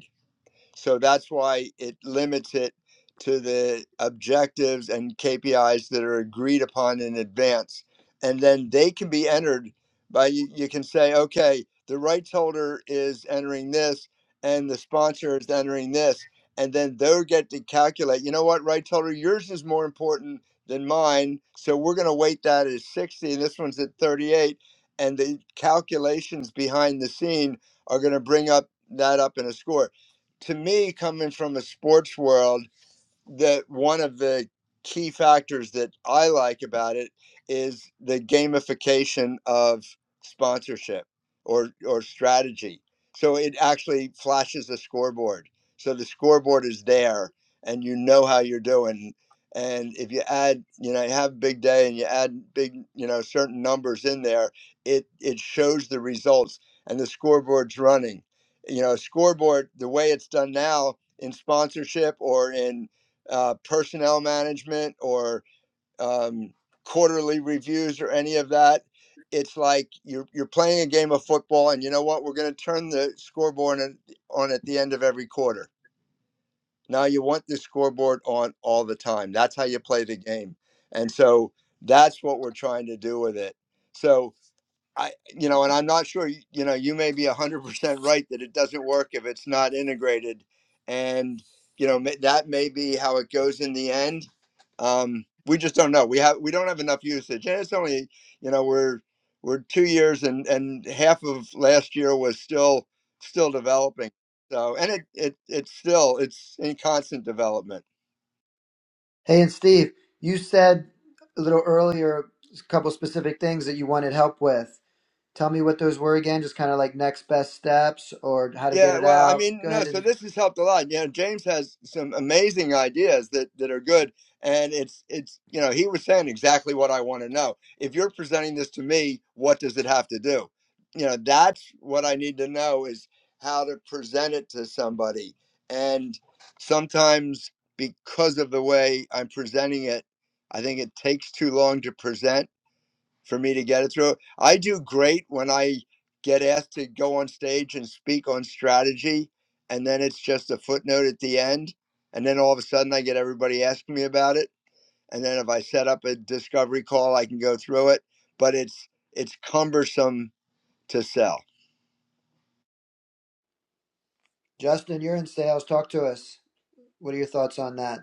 So that's why it limits it to the objectives and KPIs that are agreed upon in advance. And then they can be entered by you, you can say, okay, the rights holder is entering this and the sponsor is entering this. And then they'll get to calculate, you know what, rights holder, yours is more important than mine. So we're going to weight that as 60, and this one's at 38. And the calculations behind the scene are going to bring up that up in a score to me, coming from the sports world that one of the key factors that I like about it is the gamification of sponsorship or or strategy. So it actually flashes a scoreboard. So the scoreboard is there and you know how you're doing. And if you add, you know, you have a big day and you add big, you know, certain numbers in there, it it shows the results and the scoreboard's running. You know, a scoreboard, the way it's done now in sponsorship or in uh, personnel management or um, quarterly reviews or any of that. It's like you're you're playing a game of football, and you know what? We're going to turn the scoreboard on on at the end of every quarter. Now you want the scoreboard on all the time. That's how you play the game, and so that's what we're trying to do with it. So I, you know, and I'm not sure, y- you know, you may be 100% right that it doesn't work if it's not integrated. And, you know, ma- that may be how it goes in the end. Um, we just don't know. We have, we don't have enough usage. And it's only, you know, we're, we're two years and, and half of last year was still, still developing. So, and it, it, it's still, it's in constant development.
Hey, and Steve, you said a little earlier a couple specific things that you wanted help with. Tell me what those were again, just kind of like next best steps or how to get
Yeah,
it
well, I
out.
mean,
Go
no,
ahead
so
and
this has helped a lot. You know, James has some amazing ideas that that are good, and it's it's you know, he was saying exactly what I want to know. If you're presenting this to me, what does it have to do? You know, that's what I need to know is how to present it to somebody. And sometimes because of the way I'm presenting it, I think it takes too long to present for me to get it through. I do great when I get asked to go on stage and speak on strategy, and then it's just a footnote at the end. And then all of a sudden, I get everybody asking me about it. And then if I set up a discovery call, I can go through it. But it's it's cumbersome to sell.
Justin, you're in sales. Talk to us. What are your thoughts on that?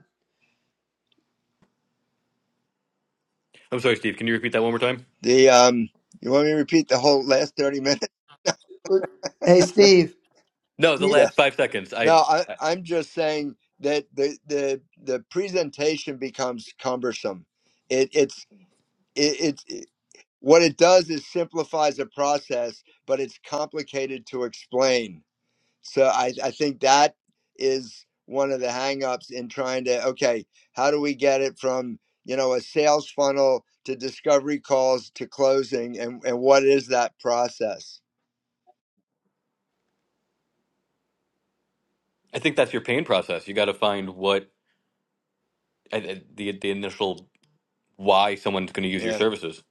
I'm sorry, Steve, can you repeat that one more time?
The um, you want me to repeat the whole last thirty minutes?
Hey, Steve.
No, the
you-
Yeah.
last 5 seconds.
No,
I
I,
I
I'm just saying that the the the presentation becomes cumbersome. It it's it, it's What it does is simplifies a process, but it's complicated to explain. So I, I think that is one of the hangups in trying to okay, how do we get it from you know a sales funnel to discovery calls to closing, and and what is that process?
I think that's your pain process. You got to find what I- I- the the initial why someone's going to use your
Yeah.
services.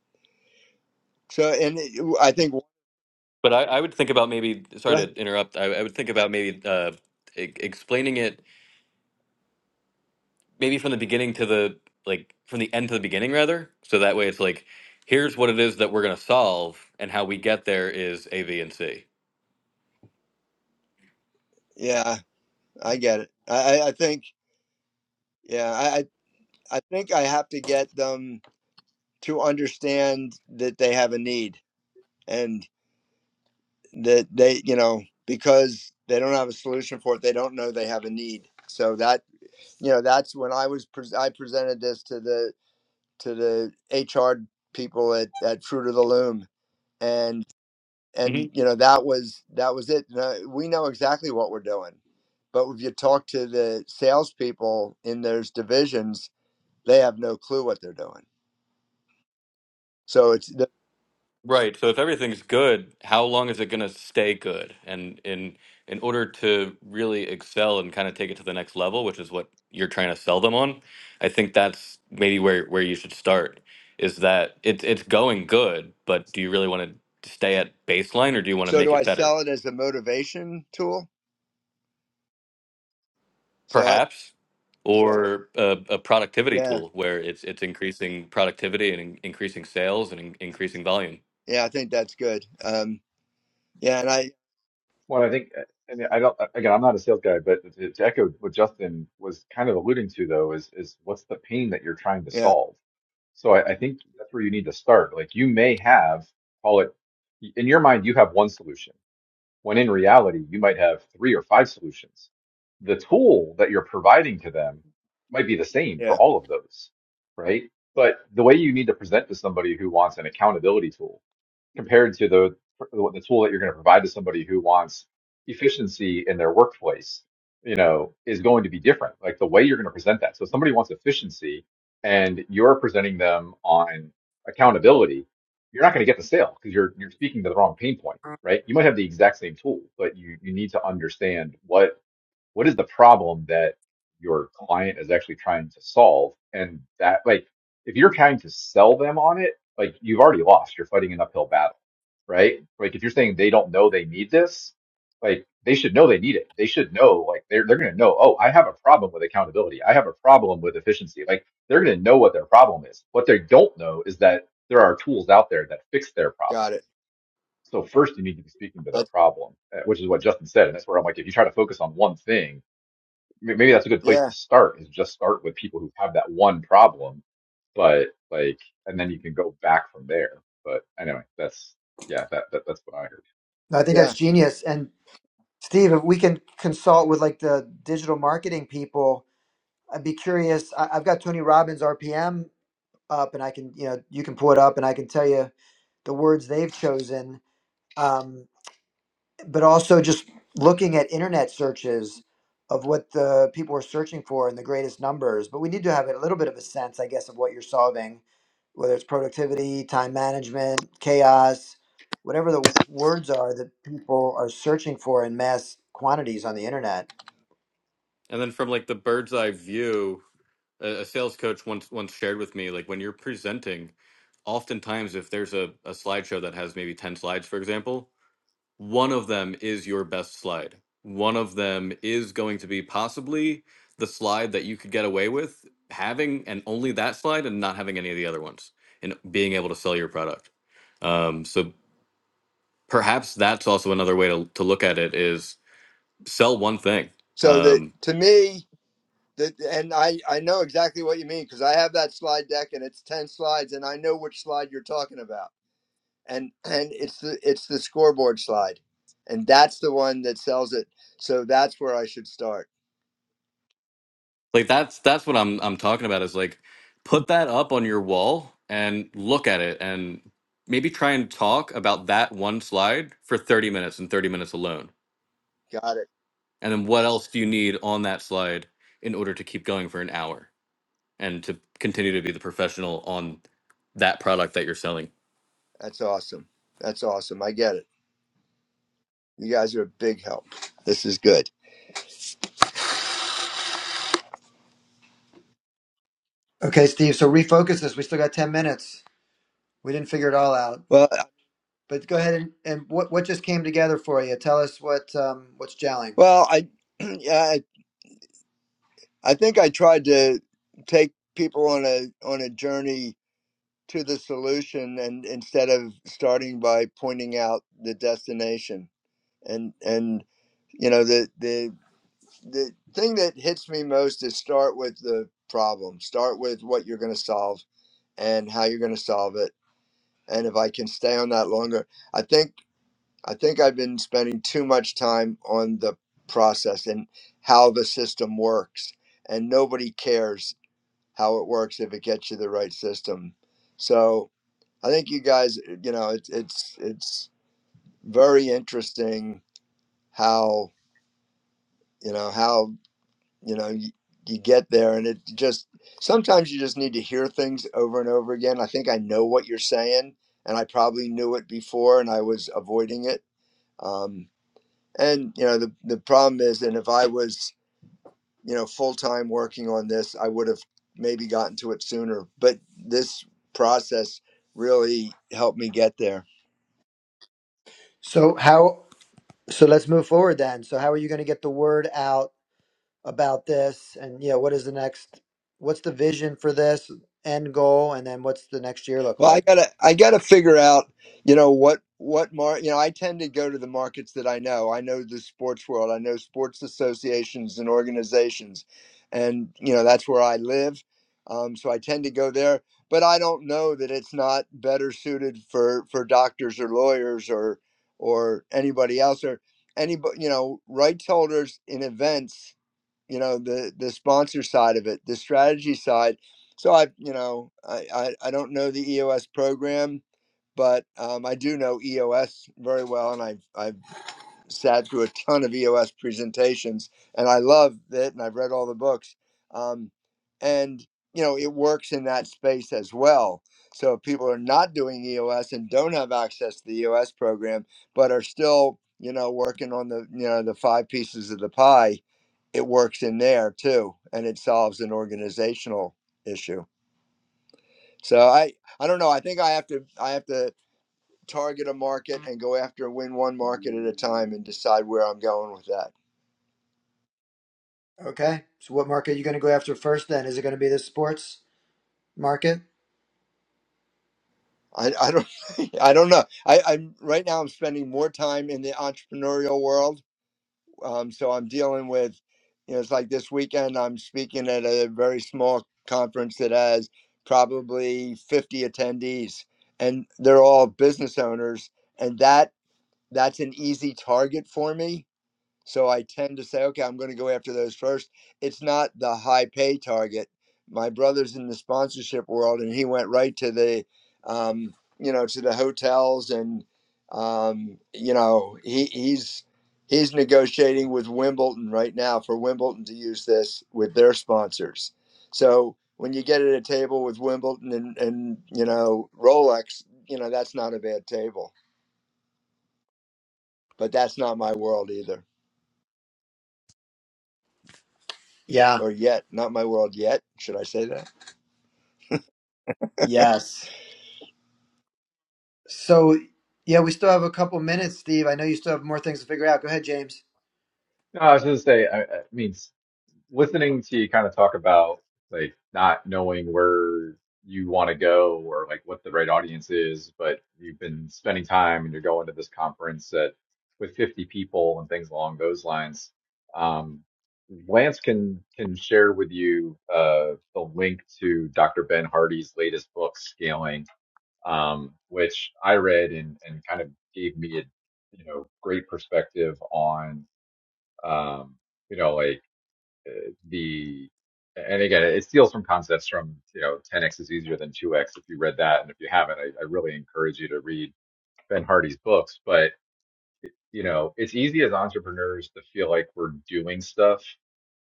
So and it- I think
But I, I would think about maybe sorry to interrupt. I, I would think about maybe uh e- explaining it maybe from the beginning to the like from the end to the beginning rather so that way it's like here's what it is that we're going to solve and how we get there is a b and c
yeah, I get it. I I I think yeah, I I I think I have to get them to understand that they have a need and. that they you know because they don't have a solution for it they don't know they have a need so that you know that's when i was pres i presented this to the to the hr people at, at fruit of the loom and and
Mhm.
you know that was that was it Now, we know exactly what we're doing but if you talk to the salespeople in those divisions they have no clue what they're doing so it's the,
right so if everything's good how long is it going to stay good and in in order to really excel and kind of take it to the next level which is what you're trying to sell them on i think that's maybe where where you should start is that it's it's going good but do you really want to stay at baseline or do you want to
so do
make
i
it better
sell it as a motivation tool so I,
perhaps or a, a productivity
yeah
tool where it's it's increasing productivity and in, increasing sales and in, increasing volume
yeah i think that's good um Yeah, and I
Well, I think, and I don't, uh, again, I'm not a sales guy, but to to echo what Justin was kind of alluding to though, is, is what's the pain that you're trying to
yeah,
solve? So I, I think that's where you need to start. Like you may have, call it, in your mind, you have one solution when in reality you might have three or five solutions. The tool that you're providing to them might be the same for
yeah,
all of those, right? But the way you need to present to somebody who wants an accountability tool compared to the the tool that you're going to provide to somebody who wants efficiency in their workplace, you know, is going to be different. Like the way you're going to present that. So if somebody wants efficiency and you're presenting them on accountability, you're not going to get the sale because you're you're speaking to the wrong pain point right? You might have the exact same tool, but you you need to understand what what is the problem that your client is actually trying to solve, and that like if you're trying to sell them on it, like you've already lost. You're fighting an uphill battle, right? Like if you're saying they don't know they need this, like they should know they need it. They should know like they're they're gonna know. Oh, I have a problem with accountability. I have a problem with efficiency. Like they're gonna know what their problem is. What they don't know is that there are tools out there that fix their problem
got it.
so first, you need to be speaking to
I,
their problem, uh, which is what Justin said, and that's where I'm like, if you try to focus on one thing, m- maybe that's a good place
yeah,
to start. Is just start with people who have that one problem, but like, and then you can go back from there. But anyway, that's yeah, that, that that's what I heard.
I think that's
yeah.
genius. And Steve, if we can consult with like the digital marketing people, I'd be curious. I, I've got Tony Robbins RPM up, and I can, you know, you can pull it up, and I can tell you the words they've chosen. Um, but also just looking at internet searches of what the people are searching for and the greatest numbers. But we need to have a little bit of a sense, I guess, of what you're solving, whether it's productivity, time management, chaos, whatever the words are that people are searching for in mass quantities on the internet.
and then from like the bird's eye view a, a sales coach once once shared with me like when you're presenting oftentimes if there's a, a slideshow that has maybe 10 slides for example one of them is your best slide one of them is going to be possibly the slide that you could get away with having and only that slide and not having any of the other ones and being able to sell your product Um, so perhaps that's also another way to, to look at it is sell one thing.
So that
Um,
to me that and I I know exactly what you mean because I have that slide deck and it's 10 slides and I know which slide you're talking about. And and it's the it's the scoreboard slide. And that's the one that sells it. So that's where I should start.
like that's that's what I'm I'm talking about is like put that up on your wall and look at it and maybe try and talk about that one slide for 30 minutes and 30 minutes alone.
Got it.
And then what else do you need on that slide in order to keep going for an hour and to continue to be the professional on that product that you're selling?
That's awesome. That's awesome. I get it. You guys are a big help. This is good.
Okay, Steve. So refocus this. We still got ten minutes. We didn't figure it all out,
Well,
but go ahead and, and what what just came together for you? Tell us what um, what's gelling.
well, I yeah, I think I tried to take people on a on a journey to the solution, and instead of starting by pointing out the destination, and and you know the the the thing that hits me most is start with the problem, start with what you're going to solve and how you're going to solve it, and if I can stay on that longer, I think I think I've been spending too much time on the process and how the system works and nobody cares how it works if it gets you the right system. So I think you guys, you know, it's it's it's very interesting how you know how you know you, you get there, and it just sometimes you just need to hear things over and over again. I think I know what you're saying, and I probably knew it before, and I was avoiding it. Um, and you know, the the problem is, and if I was you know, full time working on this, I would have maybe gotten to it sooner. But this process really helped me get there.
So how? So let's move forward then. So how are you going to get the word out about this? And yeah, what is the next? What's the vision for this end goal? And then what's the next year look
Well, I
like?
gotta I gotta figure out, you know, what what mar you know, I tend to go to the markets that I know. I know the sports world, I know sports associations and organizations. And, you know, that's where I live. Um, so I tend to go there. But I don't know that it's not better suited for for doctors or lawyers or or anybody else or anybody you know, rights holders in events you know the the sponsor side of it the strategy side so i you know i i, I don't know the eos program but um, i do know eos very well and i've i've sat through a ton of eos presentations and i love it and i've read all the books um, and you know it works in that space as well so if people are not doing eos and don't have access to the eos program but are still you know working on the you know the five pieces of the pie it works in there too and it solves an organizational issue so i i don't know i think i have to i have to target a market and go after win one market at a time and decide where i'm going with that
Okay. So what market are you going to go after first? Then is it going to be the sports market?
i, I don't i don't know i i'm right now i'm spending more time in the entrepreneurial world um, so i'm dealing with you know it's like this weekend i'm speaking at a very small conference that has probably 50 attendees and they're all business owners and that that's an easy target for me. So I tend to say, okay, I'm going to go after those first. It's not the high pay target. My brother's in the sponsorship world, and he went right to the, um, you know, to the hotels, and um, you know, he, he's he's negotiating with Wimbledon right now for Wimbledon to use this with their sponsors. So when you get at a table with Wimbledon and and you know Rolex, you know that's not a bad table, but that's not my world either.
Yeah.
or yet not my world yet should i say that
Yes. So yeah, we still have a couple minutes, Steve. I know you still have more things to figure out. Go ahead, James.
No, I was going to say, I, I mean, listening to you kind of talk about like not knowing where you want to go or like what the right audience is, but you've been spending time and you're going to this conference that with 50 people and things along those lines. Um, Lance can can share with you uh, the link to Dr. Ben Hardy's latest book, Scaling, um, which I read and and kind of gave me a you know great perspective on um, you know like uh, the and again, it steals from concepts from you know 10x is easier than 2x. If you read that, and if you haven't, I, I really encourage you to read Ben Hardy's books. But you know, it's easy as entrepreneurs to feel like we're doing stuff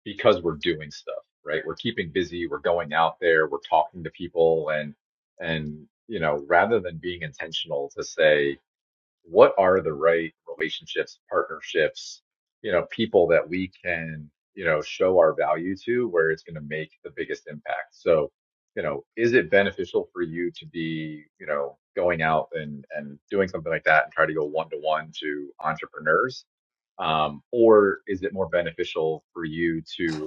because we're doing stuff, right? We're keeping busy, we're going out there, we're talking to people, and and you know, rather than being intentional to say what are the right relationships, partnerships, you know, people that we can, you know, show our value to where it's going to make the biggest impact. So, you know, is it beneficial for you to be, you know, going out and, and doing something like that and try to go one to one to entrepreneurs? Um, or is it more beneficial for you to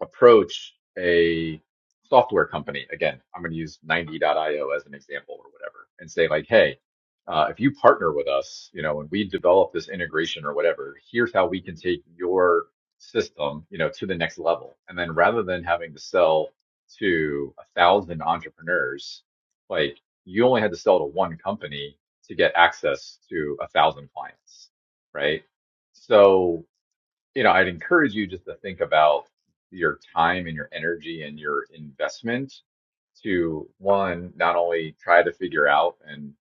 approach a software company, again, I'm going to use 90.io as an example or whatever, and say like, hey, uh, if you partner with us, you know, and we develop this integration or whatever, here's how we can take your system, you know, to the next level. And then rather than having to sell to a thousand entrepreneurs, like you only had to sell to one company to get access to a thousand clients, right? So you know, I'd encourage you just to think about your time and your energy and your investment to one, not only try to figure out and,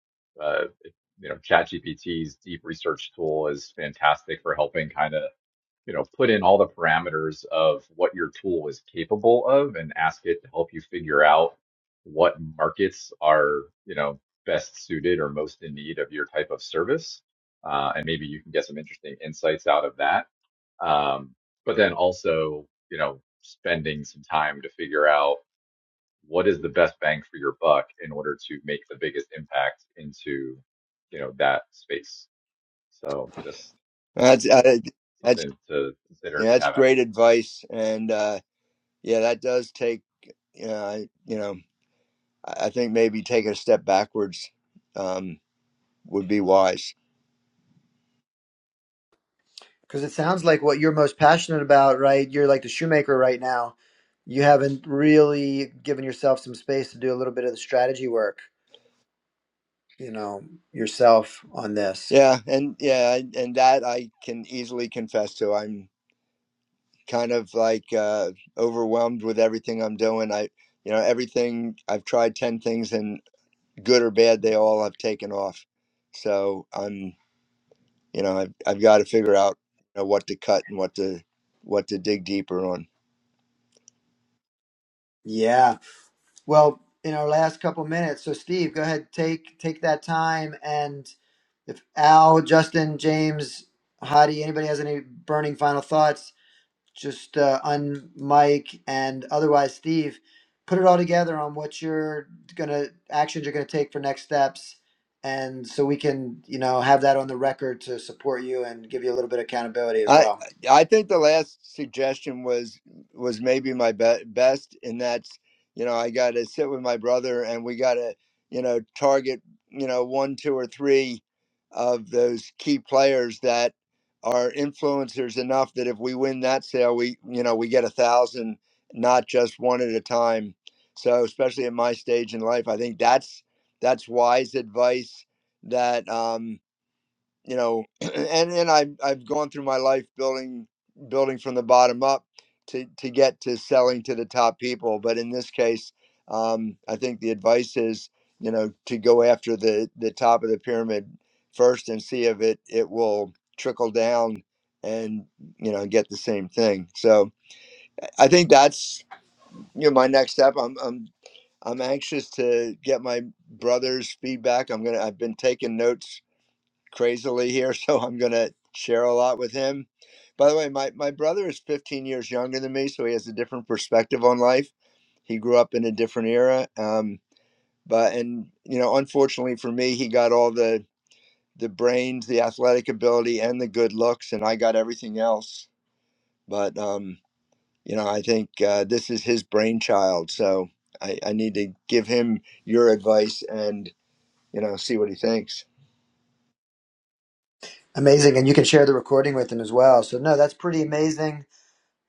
uh, if- you know, ChatGPT's deep research tool is fantastic for helping kind of, you know, put in all the parameters of what your tool is capable of and ask it to help you figure out what markets are, you know, best suited or most in need of your type of service. Uh, and maybe you can get some interesting insights out of that um, but then also you know spending some time to figure out what is the best bang for your buck in order to make the biggest impact into you know that space so this
that's
you know
I, that's
something to consider
yeah,
if you
that's
haven't
great advice and uh yeah that does take uh you know i I think maybe take a step backwards um would be wise
Because it sounds like what you're most passionate about, right? You're like the shoemaker right now. You haven't really given yourself some space to do a little bit of the strategy work, you know, yourself on this.
yeah and yeah and and that i can easily confess to i'm kind of like uh overwhelmed with everything i'm doing i you know everything i've tried 10 things and good or bad they all have taken off so i'm You know, I've I've got to figure out you know, what to cut and what to what to dig deeper on.
Yeah. Well, in our last couple minutes, so Steve, go ahead, take take that time, and if Al, Justin, James, Hadi, anybody has any burning final thoughts, just uh, on Mike and otherwise Steve, put it all together on what you're gonna actions you're gonna take for next steps, and so we can you know have that on the record to support you and give you a little bit of accountability as
I
well.
I think the last suggestion was was maybe my be- best, and that's you know I got to sit with my brother, and we got to you know target you know one, two, or three of those key players that are influencers enough that if we win that sale, we you know we get a thousand, not just one at a time. So especially at my stage in life, I think that's that's wise advice that um, you know and and I've, I've gone through my life building building from the bottom up to to get to selling to the top people but in this case um, i think the advice is you know to go after the the top of the pyramid first and see if it it will trickle down and you know get the same thing so i think that's you know my next step i'm i'm i'm anxious to get my brother's feedback i'm gonna i've been taking notes crazily here, so I'm going to share a lot with him. By the way, my, my brother is 15 years younger than me, so he has a different perspective on life. He grew up in a different era. Um, but, and, you know, unfortunately for me, he got all the, the brains, the athletic ability, and the good looks, and I got everything else. But, um, you know, I think uh, this is his brainchild. So I, I need to give him your advice and, you know, see what he thinks.
Amazing, and you can share the recording with them as well. So no, that's pretty amazing.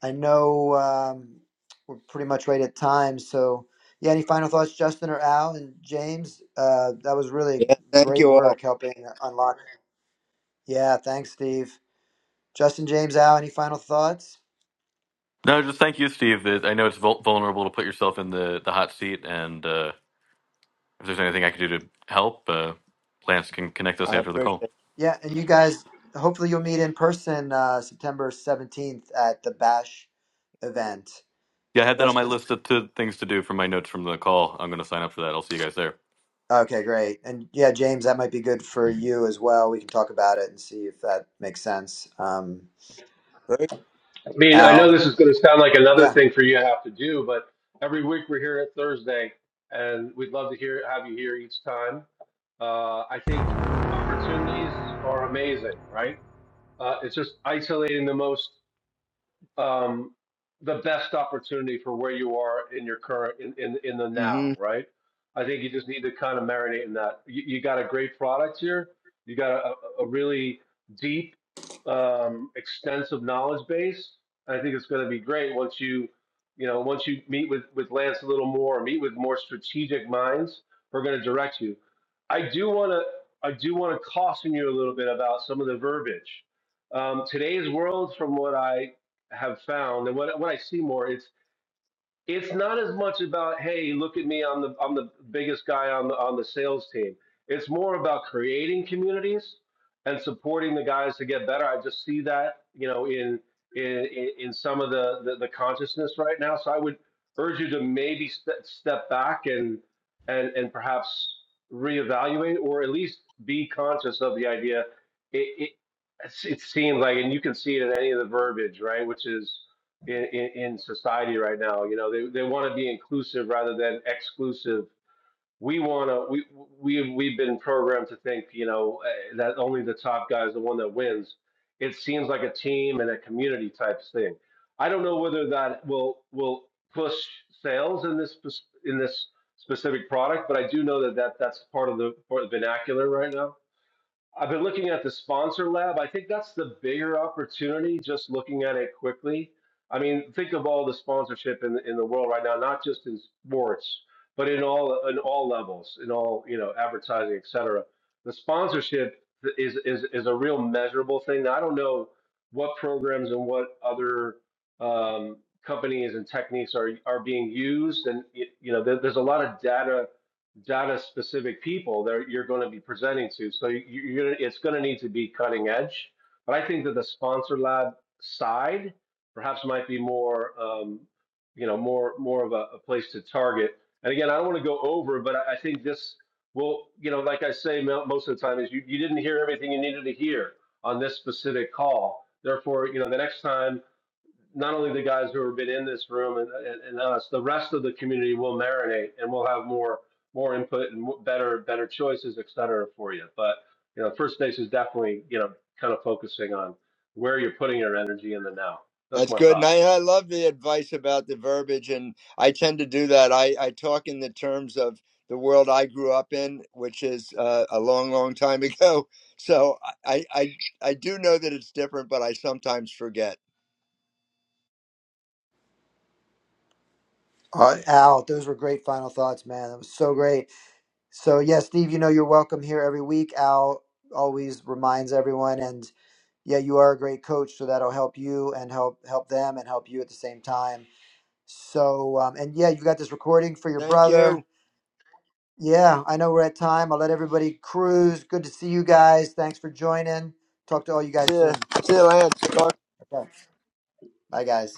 I know um, we're pretty much right at time. So yeah, any final thoughts, Justin or Al and James? Uh, that was really
Yeah. Thank
great
you all.
work helping unlock. Yeah, thanks, Steve. Justin James Al, any final thoughts?
No, just thank you, Steve. It- I know it's vul- vulnerable to put yourself in the, the hot seat, and uh, if there's anything I can do to help, uh, Lance can connect us
I
after the call.
appreciate
Yeah, and you guys, hopefully you'll meet in person uh, September 17th at the Bash event.
Yeah, I had that on my
Justin.
list of t- things to do from my notes from the call. I'm going to sign up for that. I'll see you guys there.
Okay, great. And yeah, James, that might be good for you as well. We can talk about it and see if that makes sense. Um,
it.
I mean, I know
Al,
this is going to sound like another
yeah.
thing for you to have to do, but every week we're here at Thursday, and we'd love to hear have you here each time. Uh, I think opportunities are amazing, right? Uh, it's just isolating the most um, the best opportunity for where you are in your current in, in in the
Mm-hmm.
now, right? I think you just need to kind of marinate in that. You, you got a great product here. You got a, a really deep, um, extensive knowledge base. I think it's going to be great once you, you know, once you meet with with Lance a little more, meet with more strategic minds. We're going to direct you. I do want to I do want to caution you a little bit about some of the verbiage. Um, today's world, from what I have found, and what what I see more, it's it's not as much about hey, look at me, I'm the I'm the biggest guy on the on the sales team. It's more about creating communities and supporting the guys to get better. I just see that you know in in in some of the the, the consciousness right now. So I would urge you to maybe st- step back and and and perhaps reevaluate or at least be conscious of the idea. It, it, it seems like, and you can see it in any of the verbiage, right? Which is in, in, in society right now. You know, they, they want to be inclusive rather than exclusive. We want to, we, we, we've been programmed to think, you know, eh, that only the top guy is the one that wins. It seems like a team and a community type thing. I don't know whether that will, will push sales in this, in this specific product, but I do know that, that that's part of the, part of the vernacular right now I've been looking at the sponsor lab. I think that's the bigger opportunity. Just looking at it quickly. I mean, think of all the sponsorship in in the world right now, not just in sports, but in all in all levels, in all you know, advertising, et cetera. The sponsorship is is is a real measurable thing. I don't know what programs and what other um, companies and techniques are are being used, and y- you know, there, there's a lot of data data specific people that you're going to be presenting to. So you, you're it's going to need to be cutting edge. But I think that the sponsor lab side perhaps might be more, um, you know, more more of a, a place to target. And again, I don't want to go over, but I, I think this will, you know, like I say most of the time, is you, you didn't hear everything you needed to hear on this specific call. Therefore, you know, the next time not only the guys who have been in this room and, and, and us, the rest of the community will marinate and we'll have more more input and better better choices, et cetera, for you. But you know, first base is definitely you know kind of focusing on where you're putting your energy in the now. That's
That's
my
good.
thought.
And I, I love the advice about the verbiage. And I tend to do that. I, I talk in the terms of the world I grew up in, which is uh, a long, long time ago. So I, I, I do know that it's different, but I sometimes forget.
Uh, Al, those were great final thoughts, man. That was so great. So, yeah, Steve, you know you're welcome here every week. Al always reminds everyone, and yeah, you are a great coach, so that'll help you and help help them and help you at the same time So, um, and yeah, you've got this recording for your
Thank you.
brother. Yeah, I know we're at time. I'll let everybody cruise. Good to see you guys. Thanks for joining. Talk to all you
See
guys
ya.
soon.
See you, Lance. Talk
Okay. Bye, guys.